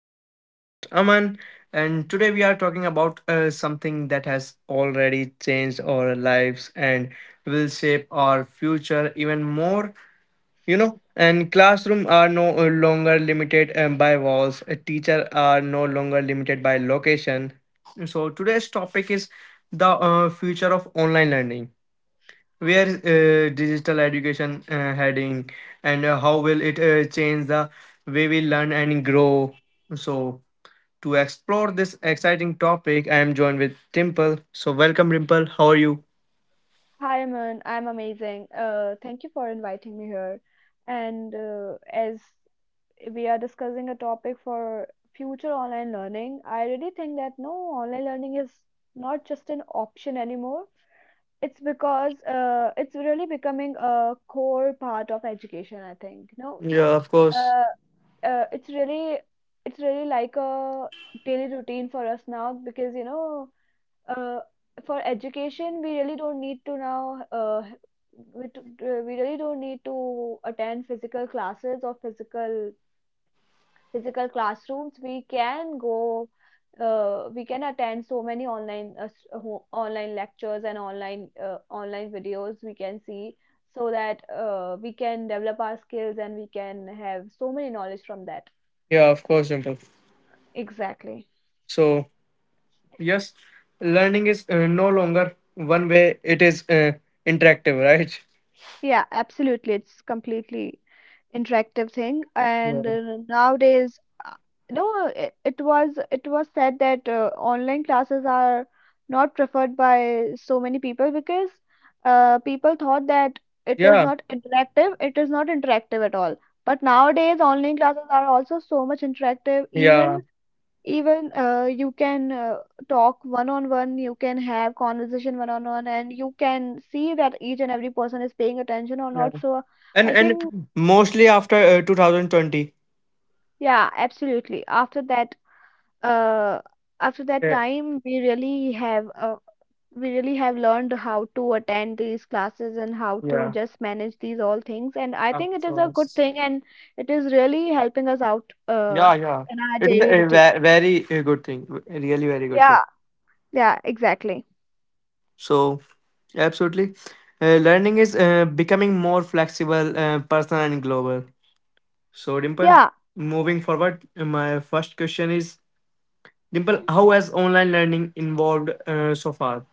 I am your host Aman, and today we are talking about something that has already changed our lives and will shape our future even more. You know, and classrooms are no longer limited by walls, a teacher are no longer limited by location. So, today's topic is the future of online learning. Where is digital education heading, and how will it change the way we learn and grow? So to explore this exciting topic, I am joined with Dimple. So welcome Dimple, how are you? Hi, Aman. I'm amazing. Thank you for inviting me here. And as we are discussing a topic for future online learning, I really think that no, online learning is not just an option anymore. It's because it's really becoming a core part of education, I think. No, Yeah, of course. uh, uh, it's really it's really like a daily routine for us now because uh, for education we really don't need to now we really don't need to attend physical classes or physical classrooms. We can go we can attend so many online online lectures and online online videos we can see so that we can develop our skills and we can have so many knowledge from that. Yeah, of course, Dimple. Exactly. So yes, learning is no longer one way, it is interactive, right? Yeah, absolutely. It's completely interactive thing. Yeah, And nowadays, uh, you know, it was said that online classes are not preferred by so many people because people thought that it is yeah, not interactive. It is not interactive at all. But nowadays, online classes are also so much interactive. yeah, Even you can talk one on one, you can have conversation one on one, and you can see that each and every person is paying attention or yeah. not. So and I think and mostly after 2020. yeah, absolutely, after that. Uh after that Yeah, time we really have learned how to attend these classes and how to yeah, just manage these all things, and I of think it is a good course. thing. And it is really helping us out Yeah, yeah. in our It is daily a routine. Very good thing, a really very good Yeah, thing. yeah, exactly. So, absolutely. Learning is becoming more flexible, personal, and global. So, Dimple, yeah moving forward, my first question is, Dimple, how has online learning involved so far?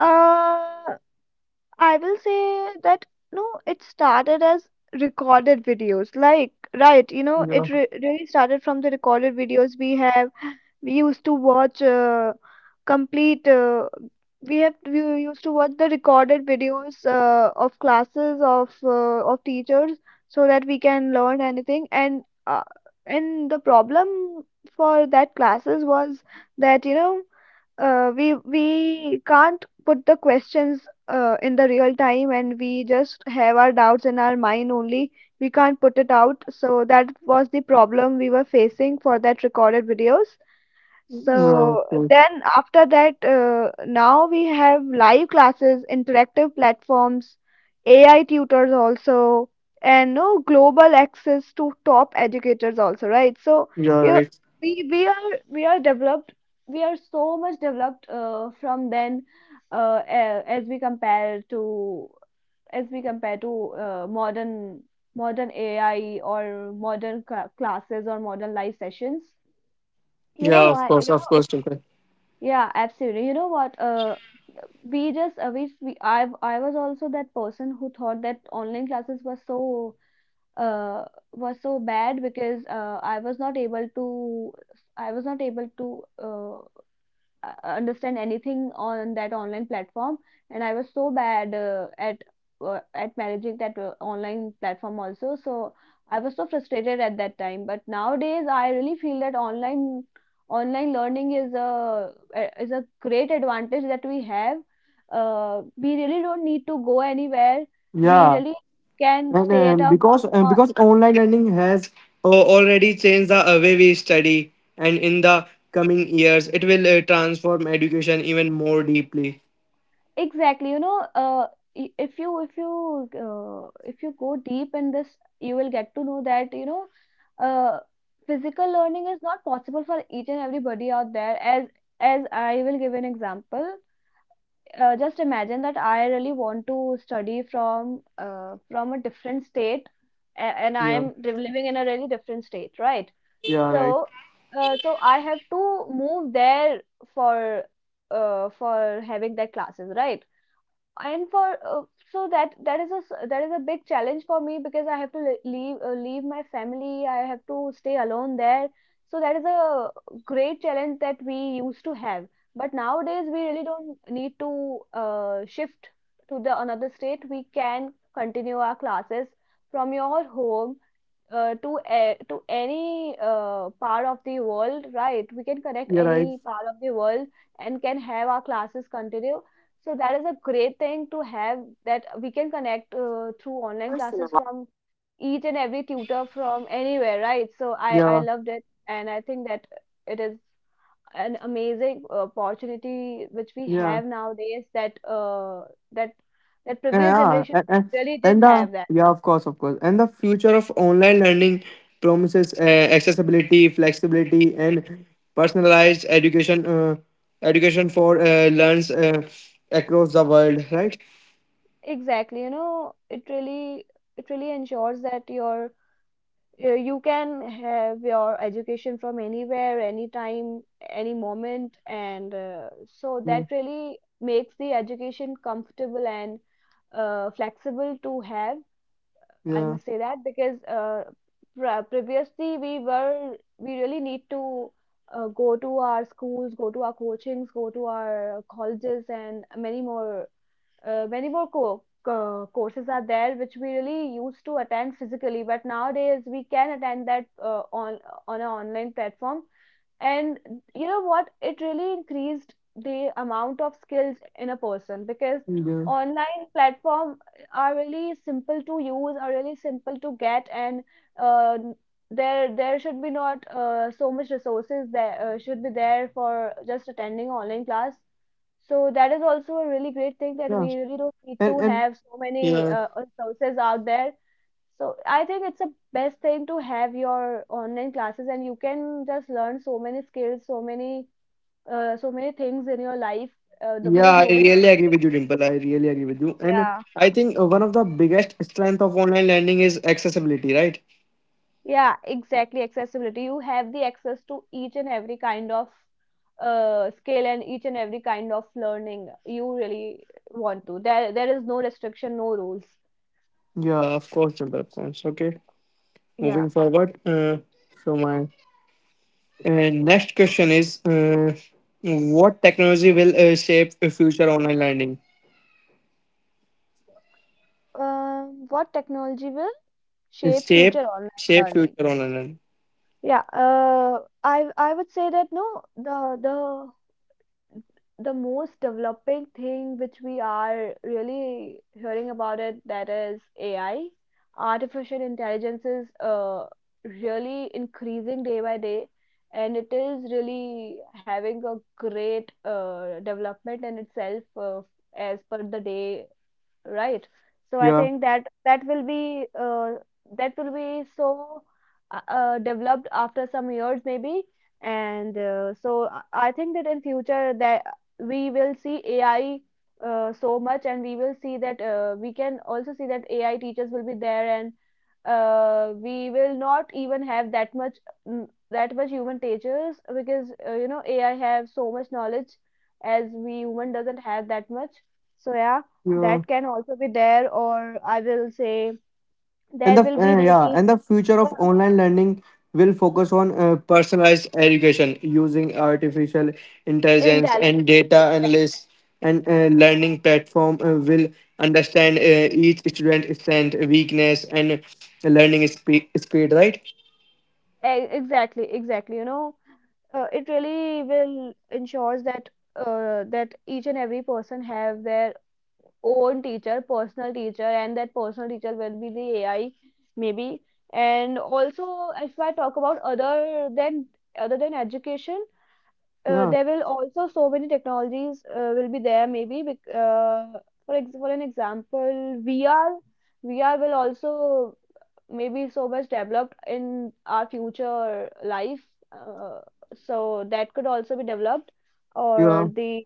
uh I will say that no, it started as recorded videos. Like, right, you know, Yeah, it re really started from the recorded videos we have. We used to watch complete. We have we used to watch the recorded videos of classes of of teachers so that we can learn anything. And the problem for that classes was that you know we can't put the questions in the real time, and we just have our doubts in our mind only. We can't put it out, so that was the problem we were facing for that recorded videos. yeah, of So course. then after that, now we have live classes, interactive platforms, AI tutors also, and no global access to top educators also, right? So Yeah, here right. we are developed, we are so much developed from then, as we compare to as we compare to modern AI or modern classes or modern live sessions. You know Yeah, why? Of course, Dimple. Yeah, absolutely. You know what? We just we I was also that person who thought that online classes were so uh, was so bad because I was not able to I was not able to understand anything on that online platform. And I was so bad at managing that online platform also. So I was so frustrated at that time, but nowadays I really feel that online learning is a great advantage that we have. We really don't need to go anywhere, we Yeah. really can And stay at our home or because online learning has uh, already changed the way we study, and in the coming years it will transform education even more deeply. exactly, you know, i- if you if you if you go deep in this, you will get to know that, you know, uh, physical learning is not possible for each and everybody out there. As I will give an example, just imagine that I really want to study from a different state, and Yeah, I'm living in a really different state, right? yeah, right. So, so I have to move there for for having that classes, right? And for so that that is a that is a big challenge for me because I have to leave leave my family. I have to stay alone there. So that is a great challenge that we used to have. But nowadays we really don't need to shift to the another state. We can continue our classes from your home to a to any part of the world, right? We can connect Yeah, right. any part of the world and can have our classes continue. So that is a great thing to have, that we can connect through online classes from each and every tutor from anywhere, right? So I Yeah, I yeah, loved it, and I think that it is an amazing opportunity which we have nowadays, that that that previous yeah, generation and really and didn't the, have that. yeah, of course, of course. And the future of online learning promises accessibility, flexibility, and personalized education, education for learns across the world, right? Exactly, you know, it really ensures that your you can have your education from anywhere, anytime, any moment, and so Yeah, that really makes the education comfortable and flexible to have. I yeah. must say that because previously we were we really need to go to our schools, go to our coachings, go to our colleges, and many more many more courses are there which we really used to attend physically, but nowadays we can attend that on an online platform. And you know what? It really increased the amount of skills in a person because Yeah, online platform are really simple to use, are really simple to get, and uh, there should be not so much resources that should be there for just attending online class. So that is also a really great thing that yeah, we really don't need and to and have so many yeah, resources out there. So I think it's the best thing to have your online classes, and you can just learn so many skills, so many, so many things in your life yeah. because I nobody's really agree stopping with you, you. Dimple. I really agree with you. And Yeah, I think one of the biggest strength of online learning is accessibility, right? yeah, exactly. Accessibility. You have the access to each and every kind of skill and each and every kind of learning you really want to. There is no restriction, no rules. Yeah, of course, Dimple. Of course. Okay, Yeah. moving forward. So my next question is, what technology will shape future online learning? What technology will shape Shape, future online shape learning? future online learning. Yeah, I would say that no, the most developing thing which we are really hearing about it, that is AI. Artificial intelligence is really increasing day by day, and it is really having a great development in itself as per the day, right? So I Yeah, think that that will be so developed after some years maybe, and so I think that in future that we will see AI so much, and we will see that we can also see that AI teachers will be there, and we will not even have that much that much human teachers because you know AI have so much knowledge as we human doesn't have that much. So yeah, yeah. that can also be there, or I will say And there the, will be yeah, maybe and the future the of online learning will focus on personalized education using artificial intelligence intelligence and data exactly. analysis. And learning platform will understand each student strength, weakness, and learning speed, right? Exactly, you know, it really will ensures that that each and every person have their own teacher, personal teacher, and that personal teacher will be the AI maybe. And also, if I talk about other than education, Yeah. there will also so many technologies will be there maybe for for an example, VR will also maybe so much developed in our future life, uh, so that could also be developed, or Yeah. the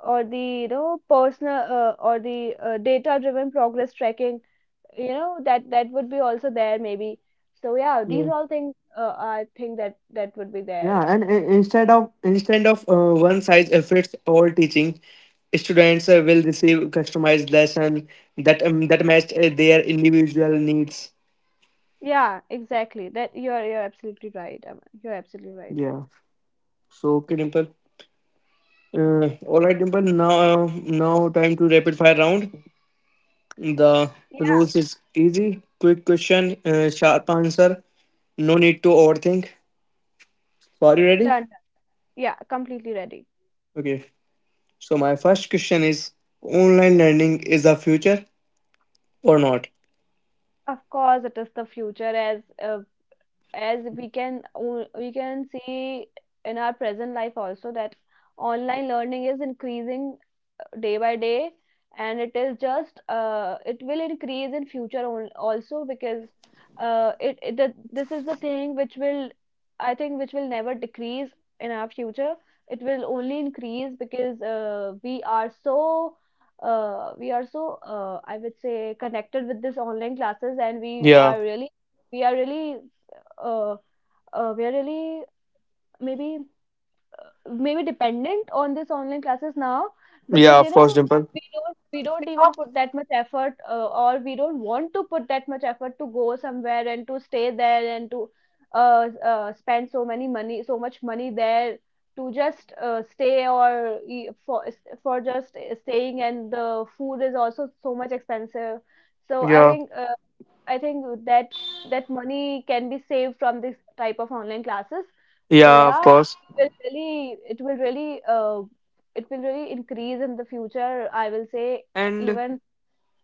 or the you know personal or the data driven progress tracking, you know, that that would be also there maybe. So yeah, these Yeah. all things I think that that would be there. Yeah. And instead of, instead of one size fits all teaching, students will receive customized lesson that that match their individual needs. Yeah, exactly. That you're absolutely right, Aman. You're absolutely right. Yeah. So okay, Dimple. All right, Dimple. Now, now time to rapid fire round. The Yeah, rules is easy, quick question, sharp answer. No need to overthink. So are you ready? done. Yeah, completely ready. Okay. So my first question is: online learning is the future or not? Of course, it is the future. As we can we can see in our present life also, that online learning is increasing day by day, and it is just it will increase in future also because this is the thing which will I think which will never decrease in our future. It will only increase because we are so I would say connected with this online classes, and we Yeah. are really we are really uh, we are really maybe maybe dependent on this online classes now because Yeah. you Of course, know Dimple. We don't even put that much effort or we don't want to put that much effort to go somewhere and to stay there and to spend so many money, so much money there to just stay or for just staying, and the food is also so much expensive. So I Yeah. think I think that that money can be saved from this type of online classes. So Yeah. Of yeah, course. it will really it will really it will really increase in the future. I will say And even.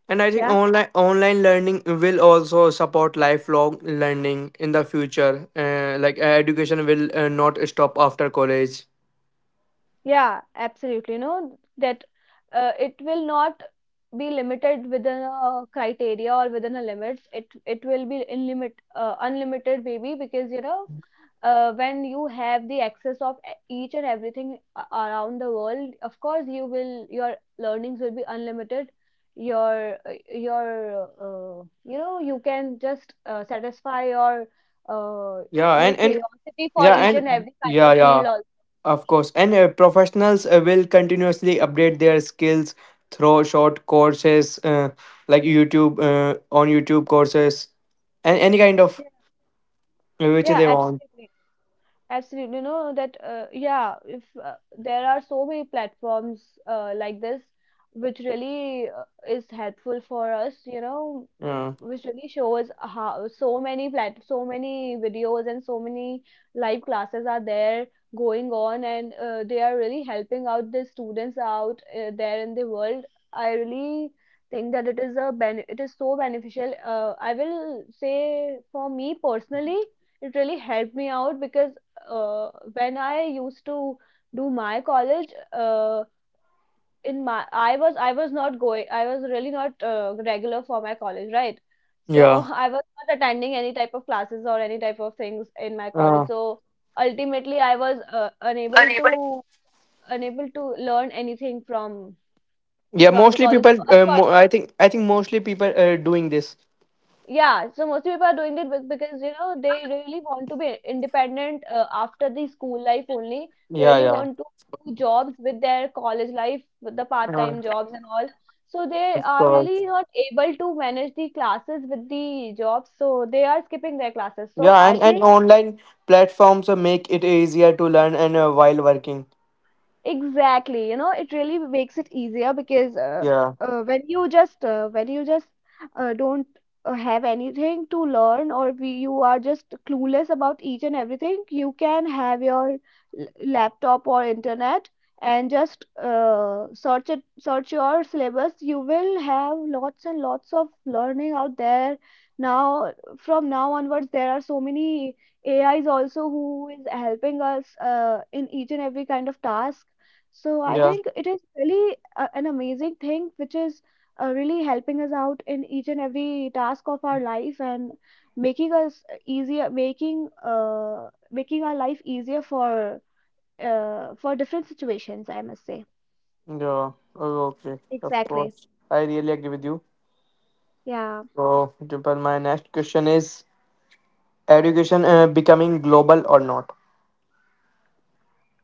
And I think Yeah, online, online learning will also support lifelong learning in the future. Like education will not stop after college. yeah, absolutely, no, that it will not be limited within a criteria or within a limits. It will be in limit unlimited maybe because you know when you have the access of each and everything around the world, of course you will, your learnings will be unlimited, your you can just satisfy uh, Yeah, your and curiosity for yeah, each and and every kind yeah, of yeah. field also. Of course, and professionals will continuously update their skills through short courses like YouTube, on YouTube courses and any kind of which Yeah, they want. absolutely. Absolutely, you know that yeah, if there are so many platforms like this, which really is helpful for us, Yeah, which really shows how so many plat so many videos and so many live classes are there going on, and they are really helping out the students out there in the world. I really think that it is a ben it is so beneficial. I will say for me personally it really helped me out because when I used to do my college, in my I was not going. I was really not regular for my college, right? So yeah, I was not attending any type of classes or any type of things in my college. uh, So ultimately, I was unable to unable to learn anything yeah. from the Mostly college. people, So of course. I think mostly people are doing this. Yeah, so most people are doing it because you know they really want to be independent after the school life only. They Yeah, really yeah. want to do jobs with their college life, with the Uh, part-time jobs and all. So they of are course. really not able to manage the classes with the jobs. So they are skipping their classes. So Yeah, I and think. online platforms make it easier to learn and while working. Exactly, you know, it really makes it easier because Yeah, when you just don't have anything to learn, or we, you are just clueless about each and everything, you can have your laptop or internet and just search it, search your syllabus. You will have lots and lots of learning out there. Now, from now onwards, there are so many AIs also who is helping us in each and every kind of task. So I yeah, think it is really an amazing thing which is really helping us out in each and every task of our life and making us easier, making our life easier for different situations, I must say. yeah. Oh, okay, of Exactly. course. I really agree with you. Yeah. So, Dimple, my next question is education becoming global or not?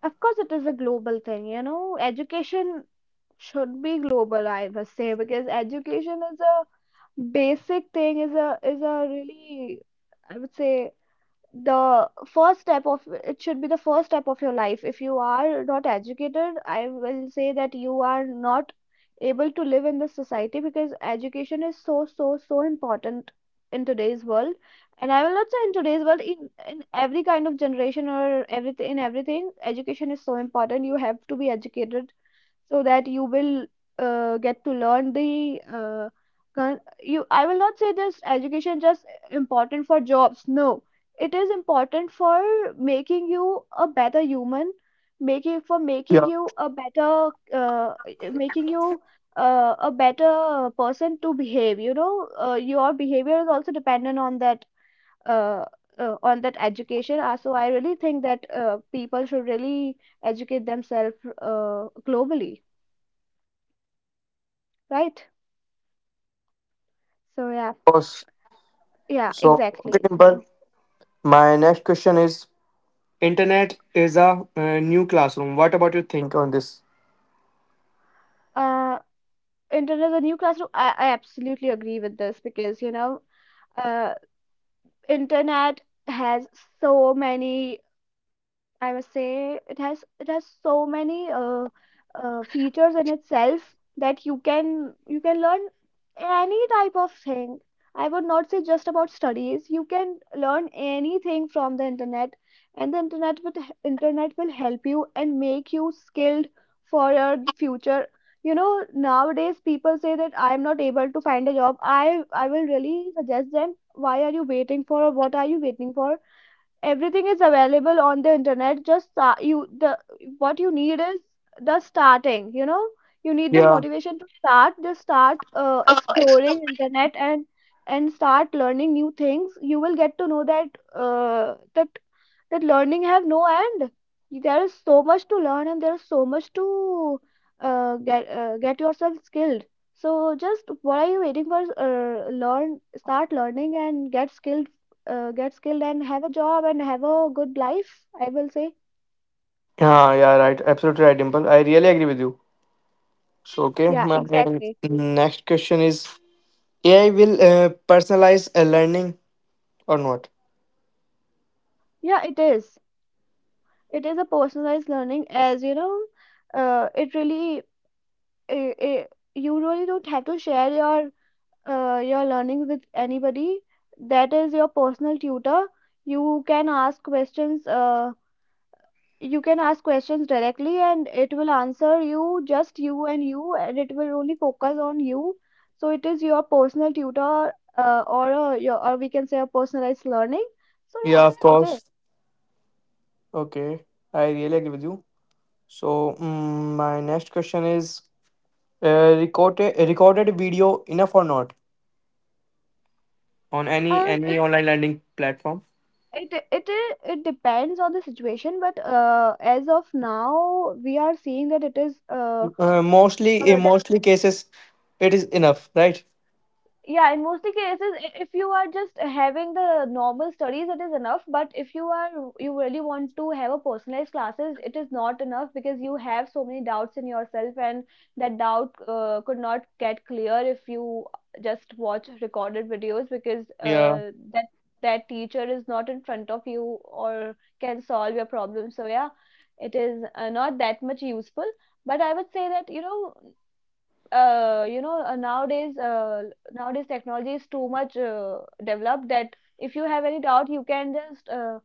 Of course it is a global thing, you know. Education should be global, I must say, because education is a basic thing, is a really, I would say, the first step of it should be the first step of your life. If you are not educated, I will say that you are not able to live in this society because education is so so so important in today's world. And I will not say in today's world, in every kind of generation or everything, in everything education is so important. You have to be educated so that you will get to learn the you, I will not say this education just important for jobs, no. It is important for making you a better human, making for making you a better making you a better person to behave, you know. Your behavior is also dependent on that, uh, on that education. So I really think that people should really educate themselves globally, right? So yeah, yeah, So, okay, exactly. So, Dimple, my next question is, internet is a new classroom. What about you think on this? uh, internet is a new classroom. I absolutely agree with this because you know, uh, internet has so many, I must say it has so many features in itself that you can learn any type of thing. I would not say just about studies. You can learn anything from the internet, and the internet, with internet, will help you and make you skilled for your future. You know, nowadays people say that I'm not able to find a job. I will really suggest them, why are you waiting for? What are you waiting for? Everything is available on the internet. Just you, the what you need is the starting, you know, you need the Yeah. motivation to start. Just start exploring internet and start learning new things. You will get to know that uh, that that learning have no end. There is so much to learn and there is so much to get yourself skilled. So just what are you waiting for? Learn start learning and get skilled, get skilled and have a job and have a good life, I will say. Yeah, yeah, right. Absolutely right, Dimple. I really agree with you. So, okay, Yeah, my exactly. next question is, AI will personalize a learning or not? Yeah, it is. It is a personalized learning, as you know, it really I you really don't have to share your learnings with anybody. That is your personal tutor. You can ask questions you can ask questions directly and it will answer you, just you, and you, and it will only focus on you. So it is your personal tutor, or your, or we can say, a personalized learning. So yeah, Yeah, of it is. course. Okay, I really agree with you. So, my next question is recorded video enough or not on any any It online learning platform? It depends on the situation, but as of now we are seeing that it is Mostly, in uh, mostly cases, it is enough, right? yeah, in mostly cases, if you are just having the normal studies, it is enough. But if you are, you really want to have a personalized classes, it is not enough because you have so many doubts in yourself, and that doubt could not get clear if you just watch recorded videos because Yeah, that teacher is not in front of you, or can solve your problem. So yeah, it is not that much useful. But I would say that you know uh, you know, uh, nowadays, uh, nowadays technology is too much developed that if you have any doubt, you can just uh,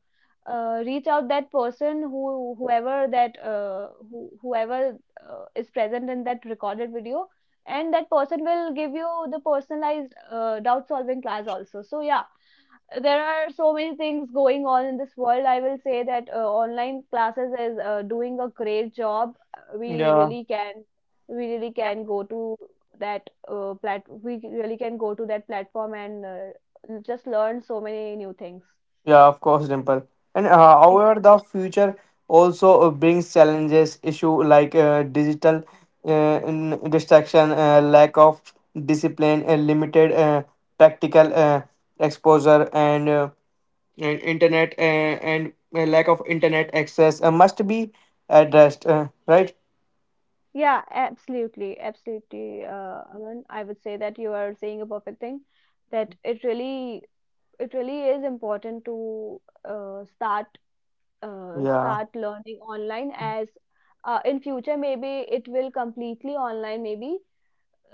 uh, reach out that person who, whoever is present in that recorded video, and that person will give you the personalized doubt solving class also. So yeah, there are so many things going on in this world. I will say that online classes is doing a great job. Yeah. We really can go to that plat. We really can go to that platform and just learn so many new things. Yeah, of course, Dimple. And however, Exactly. the future also brings challenges, issue like digital, uh, distraction, lack of discipline, limited practical exposure, and internet and lack of internet access must be addressed. Right? Yeah, absolutely, absolutely. Aman, I would say that you are saying a perfect thing. That it really is important to Yeah. start learning online as in future maybe it will completely online maybe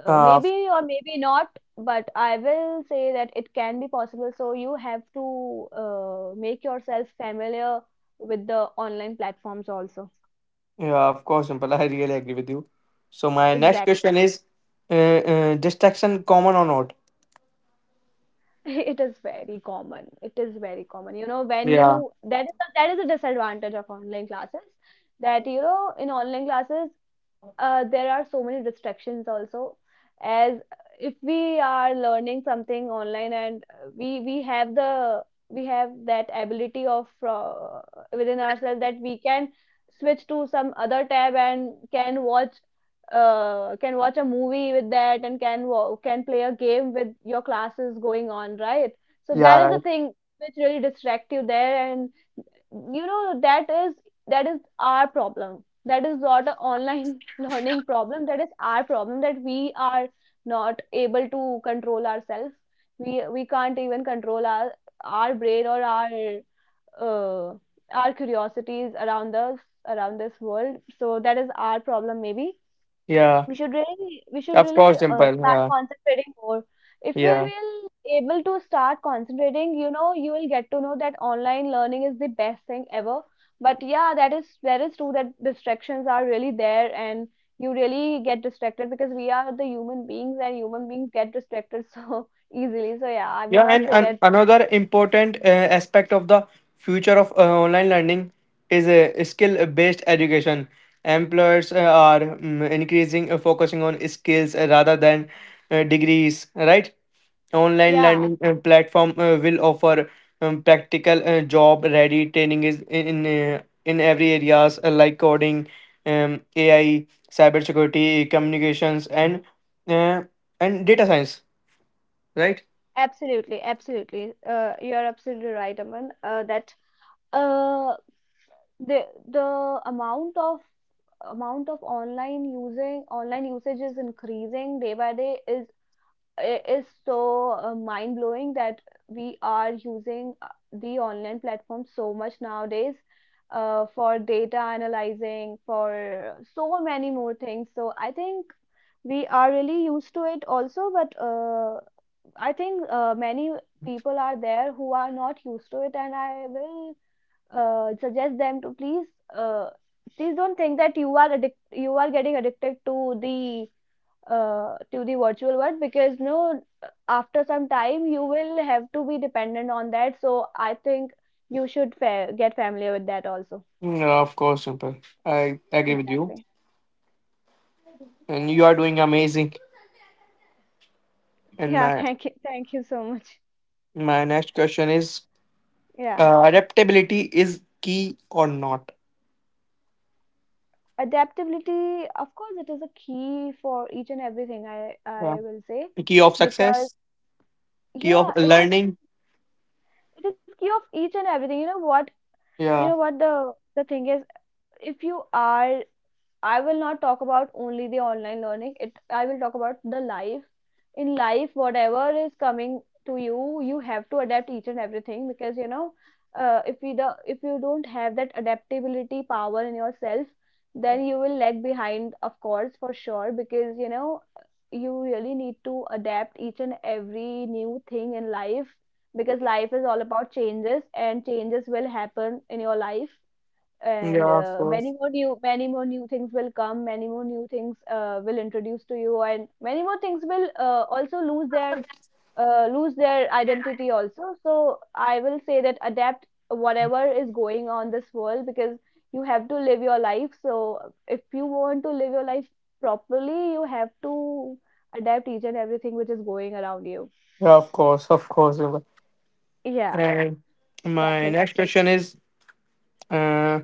Uh, of- maybe or maybe not, but I will say that it can be possible, so you have to make yourself familiar with the online platforms also. yeah, of course, Dimple. I really agree with you. So my next Exactly. question is, uh, distraction common or not? It is very common, it is very common, you know, when Yeah. you, that is a disadvantage of online classes, that you know in online classes there are so many distractions also, as if we are learning something online and we have the, we have that ability of within ourselves that we can switch to some other tab and can watch a movie with that and can can play a game with your classes going on, right? So Yeah. that is the Right. thing which really distract you there. And you know that is, that is our problem. That is not an online learning problem. That is our problem, that we are not able to control ourselves. We can't even control our brain, or uh, our curiosities around us, around this world. So that is our problem maybe. Yeah, We should really, we should of course, really Dimple. start Yeah, concentrating more. If we yeah. will able to start concentrating, you know, you will get to know that online learning is the best thing ever. But yeah, that is, that is true that distractions are really there, and you really get distracted because we are the human beings and human beings get distracted so easily. So yeah, I will Yeah, not and, say and that. another important aspect of the future of online learning is a skill-based education. Employers are, increasing focusing on skills rather than degrees, right? Online Yeah, learning platform will offer practical job-ready training is in in every areas like coding, AI, cybersecurity, communications, uh, and data science, right? absolutely, absolutely. You're absolutely right, Aman. That uh, the the amount of online using online usage is increasing day by day is so mind blowing that we are using the online platform so much nowadays, for data analyzing, for so many more things. So I think we are really used to it also, but I think many people are there who are not used to it, and I will suggest them to please uh, please don't think that you are you are getting addicted to the virtual world, because no, after some time you will have to be dependent on that. So I think you should get familiar with that also. Yeah, of course, simple. I agree with you, Exactly. and you are doing amazing. And Yeah, my thank you, thank you so much. my next question is: Yeah, adaptability is key or not? adaptability, of course it is a key for each and everything, i Yeah, i will say. key of Because success, key of yeah, it is, learning. it is key of each and everything, you know what. You know Yeah, what the thing is, if you are, I will not talk about only the online learning. It I will talk about the life. In life, whatever is coming to you, you have to adapt each and everything, because you know, if you do, if you don't have that adaptability power in yourself, then you will lag behind, of course, for sure. Because you know, you really need to adapt each and every new thing in life, because life is all about changes and changes will happen in your life. And yeah, of course, many more new things will come, many more new things will introduce to you, and many more things will also lose their, lose their identity also. So I will say that adapt whatever is going on this world, because you have to live your life. So if you want to live your life properly, you have to adapt each and everything which is going around you. yeah, of course, of course. Simple. Yeah, And exactly. my next question is: uh,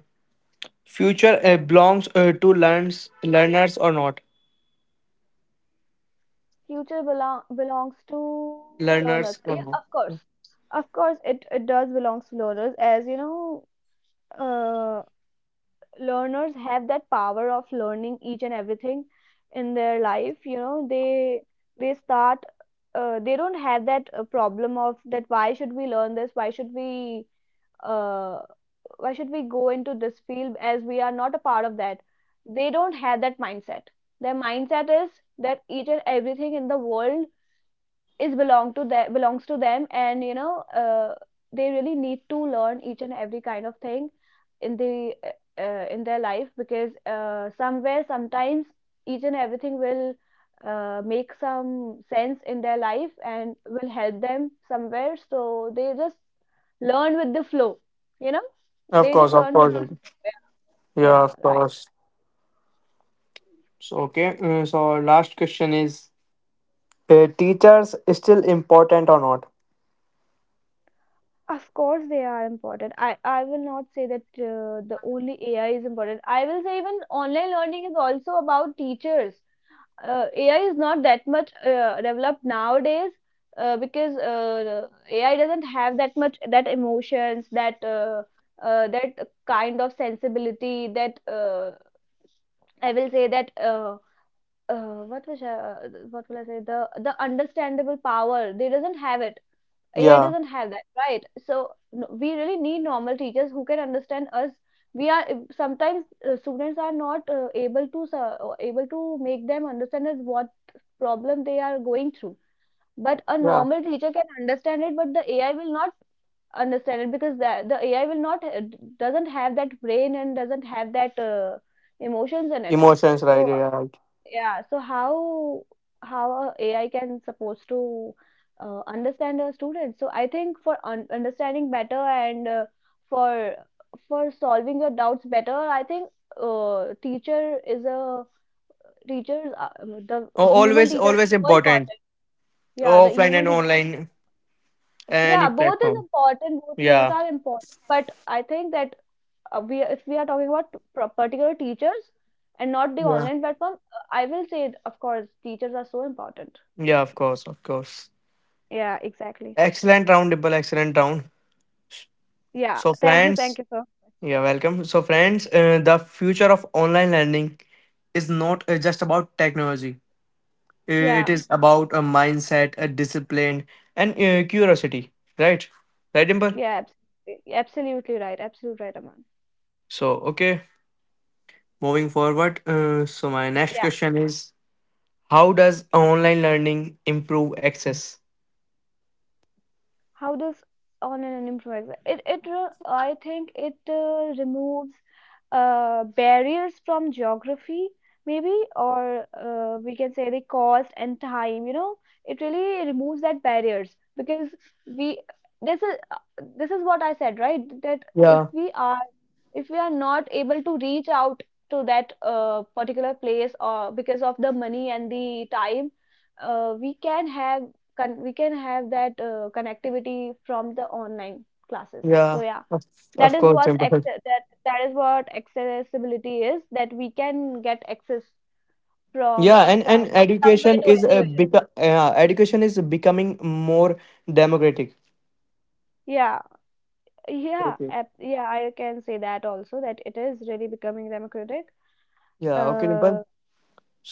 future belongs to learns learners or not? Future belongs to learners. Learners or Yeah, not? of course. Of course, it does belongs to learners. As you know, uh, learners have that power of learning each and everything in their life. You know, they start, they don't have that problem of that, why should we learn this? Why should we, uh, why should we go into this field, as we are not a part of that? They don't have that mindset. Their mindset is that each and everything in the world is belongs to them. And you know, they really need to learn each and every kind of thing in the in their life, because somewhere sometimes each and everything will make some sense in their life and will help them somewhere. So they just learn with the flow, you know, Of they course, just of learn with course. the Simple. flow. Yeah, Yeah, of right. course. So okay. So our last question is, teachers is still important or not? Of course, they are important. I will not say that the only AI is important. I will say even online learning is also about teachers. AI is not that much developed nowadays, because AI doesn't have that much, that emotions, that that kind of sensibility. That I will say that what was I, what will I say, the understandable power. They doesn't have it, AI Yeah, doesn't have that, right? So we really need normal teachers who can understand us. We are sometimes, students are not able to or able to make them understand us what problem they are going through. But a yeah. normal teacher can understand it, but the AI will not understand it, because the AI will not doesn't have that brain and doesn't have that emotions in it. Emotions, right? So Yeah, right. yeah, so how a AI can supposed to understand a student? So I think for un understanding better, and for for solving your doubts better, I think uh, teacher is a teachers, the Oh, human always, teacher is always so important. important. Yeah, the Offline human and teacher. online, any Yeah, both is platform. important. Both Yeah, are important. But I think that we, if we are talking about particular teachers and not the yeah, online platform, I will say of course teachers are so important. yeah. Of course, of course. Yeah, exactly. Excellent round, Dibble. Excellent round. Yeah. So, Thank you. Thank friends, you, sir. yeah, welcome. So, friends, the future of online learning is not just about technology. It Yeah. is about a mindset, a discipline, and curiosity. Right, right, Dimple. Yeah, absolutely. Absolutely right. Absolutely right, Aman. So, okay. Moving forward, so my next Yeah. question is, how does online learning improve access? How does on an improviser? It, I think it removes barriers from geography maybe, or we can say the cost and time, you know. It really removes that barriers, because we, this is uh, this is what I said, right? That if Yeah, we are, if we are not able to reach out to that particular place, or because of the money and the time, we can have, we can have that connectivity from the online classes. So yeah, yeah, of, that of is course, what Simple. That is what accessibility is, that we can get access Yeah, from, and from somewhere education to is a anywhere. bit. Education is becoming more democratic. Yeah, yeah, Okay. Yeah, I can say that also, that it is really becoming democratic. Yeah. Okay, Dimple. uh,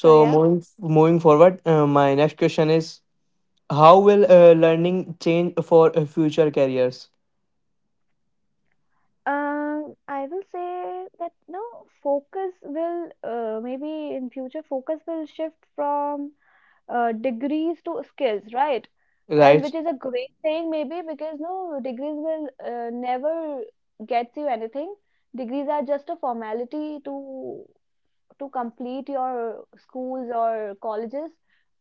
so yeah. moving forward, my next question is: how will learning change for future careers? I will say that no, focus will, maybe in future focus will shift from degrees to skills, right? And Right. which is a great thing maybe, because no, degrees will never get you anything. Degrees are just a formality to complete your schools or colleges,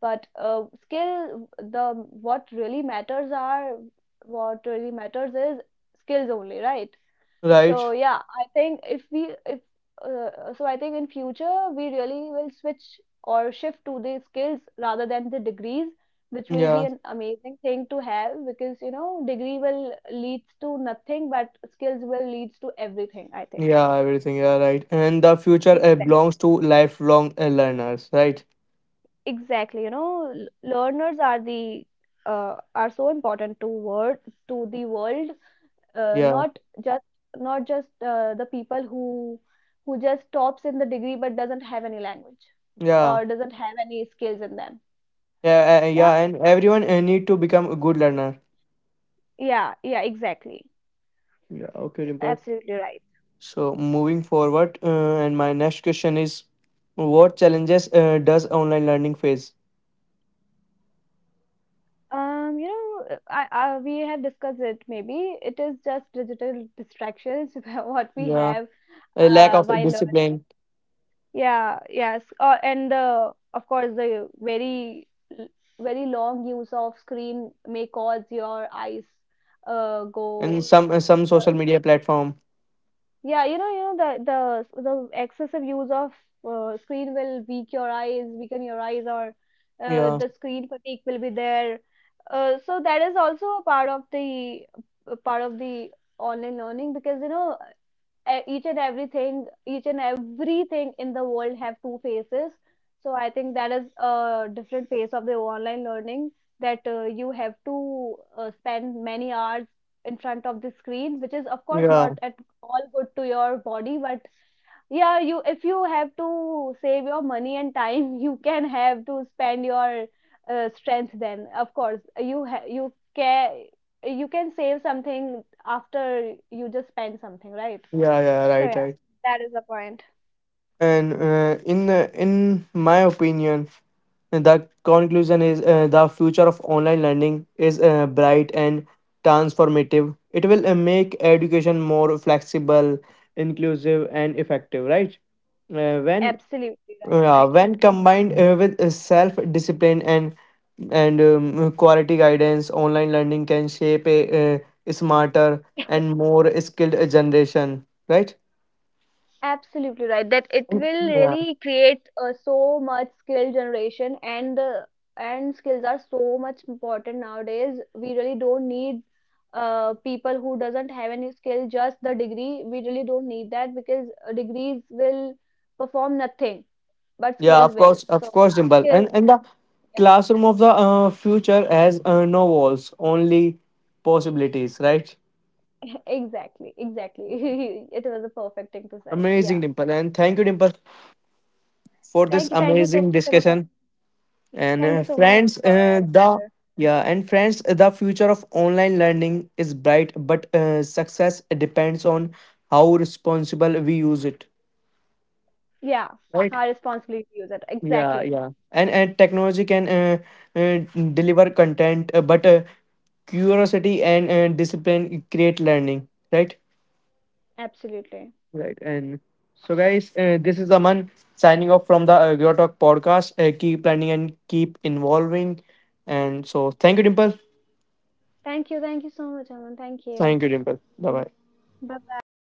but skill the what really matters are, what really matters is skills only, right? Right. So yeah, I think if we if so I think in future we really will switch or shift to the skills rather than the degrees, which will be Yeah. an amazing thing to have, because you know, degree will leads to nothing, but skills will leads to everything, I think. Yeah, everything. Yeah, right. And the future Exactly. belongs to lifelong learners, right? Exactly. You know, learners are the, are so important to word to the world, Yeah, not just, not just the people who just tops in the degree but doesn't have any language yeah, or doesn't have any skills in them. yeah, Yeah, yeah. And everyone need to become a good learner. yeah, yeah, exactly. Yeah. Okay, Dimple. Absolutely right. So moving forward, and my next question is, what challenges does online learning face? You know, I, we have discussed it maybe, it is just digital distractions what we Yeah, have, a lack of while discipline Yeah, yes. And the, of course, the l- very long use of screen may cause your eyes, and go. Some social your- media platform. Yeah, you know the excessive use of screen will weak your eyes, weaken your eyes, or Yeah, the screen fatigue will be there. So that is also a part of the, a part of the online learning, because you know, each and everything in the world have two faces. So I think that is a different phase of the online learning, that you have to spend many hours in front of the screen, which is of course not yeah, at all good to your body. But yeah, you, if you have to save your money and time you can have to spend your strength, then of course you can, you can save something after you just spend something, right. yeah, yeah. So Right, yeah, right. that is the point. And in my opinion, the conclusion is the future of online learning is bright and transformative. It will make education more flexible, inclusive, and effective. Right? Uh, when Absolutely right, when absolutely. combined with self discipline and quality guidance, online learning can shape a, uh smarter and more skilled generation. Right? Absolutely right. That it will really create so much skill generation, and the, and skills are so much important nowadays. We really don't need people who doesn't have any skill, just the degree. We really don't need that, because degrees will perform nothing, but Yeah, skills will. So of course, yeah, Dimple. Skills. And the Yeah, classroom of the future has no walls, only possibilities, right? exactly, exactly. It was a perfect thing to say. Amazing, Yeah. Dimple. And thank you, Dimple, for this Thank you so amazing much, Aman. discussion. And Thank you so much, Aman, friends, for having. the yeah, and friends, the future of online learning is bright, but success depends on how responsible we use it. Yeah, Right. our responsibility to use it. Yeah, Exactly. yeah, and technology can uh, deliver content but curiosity and discipline create learning, right, Absolutely. right, and so guys, this is Aman, signing off from the Your Talk podcast. Keep learning and keep involving, and so thank you, Dimple, Thank you. Thank you so much, Aman. Thank you. thank you, Dimple, bye bye. Bye bye.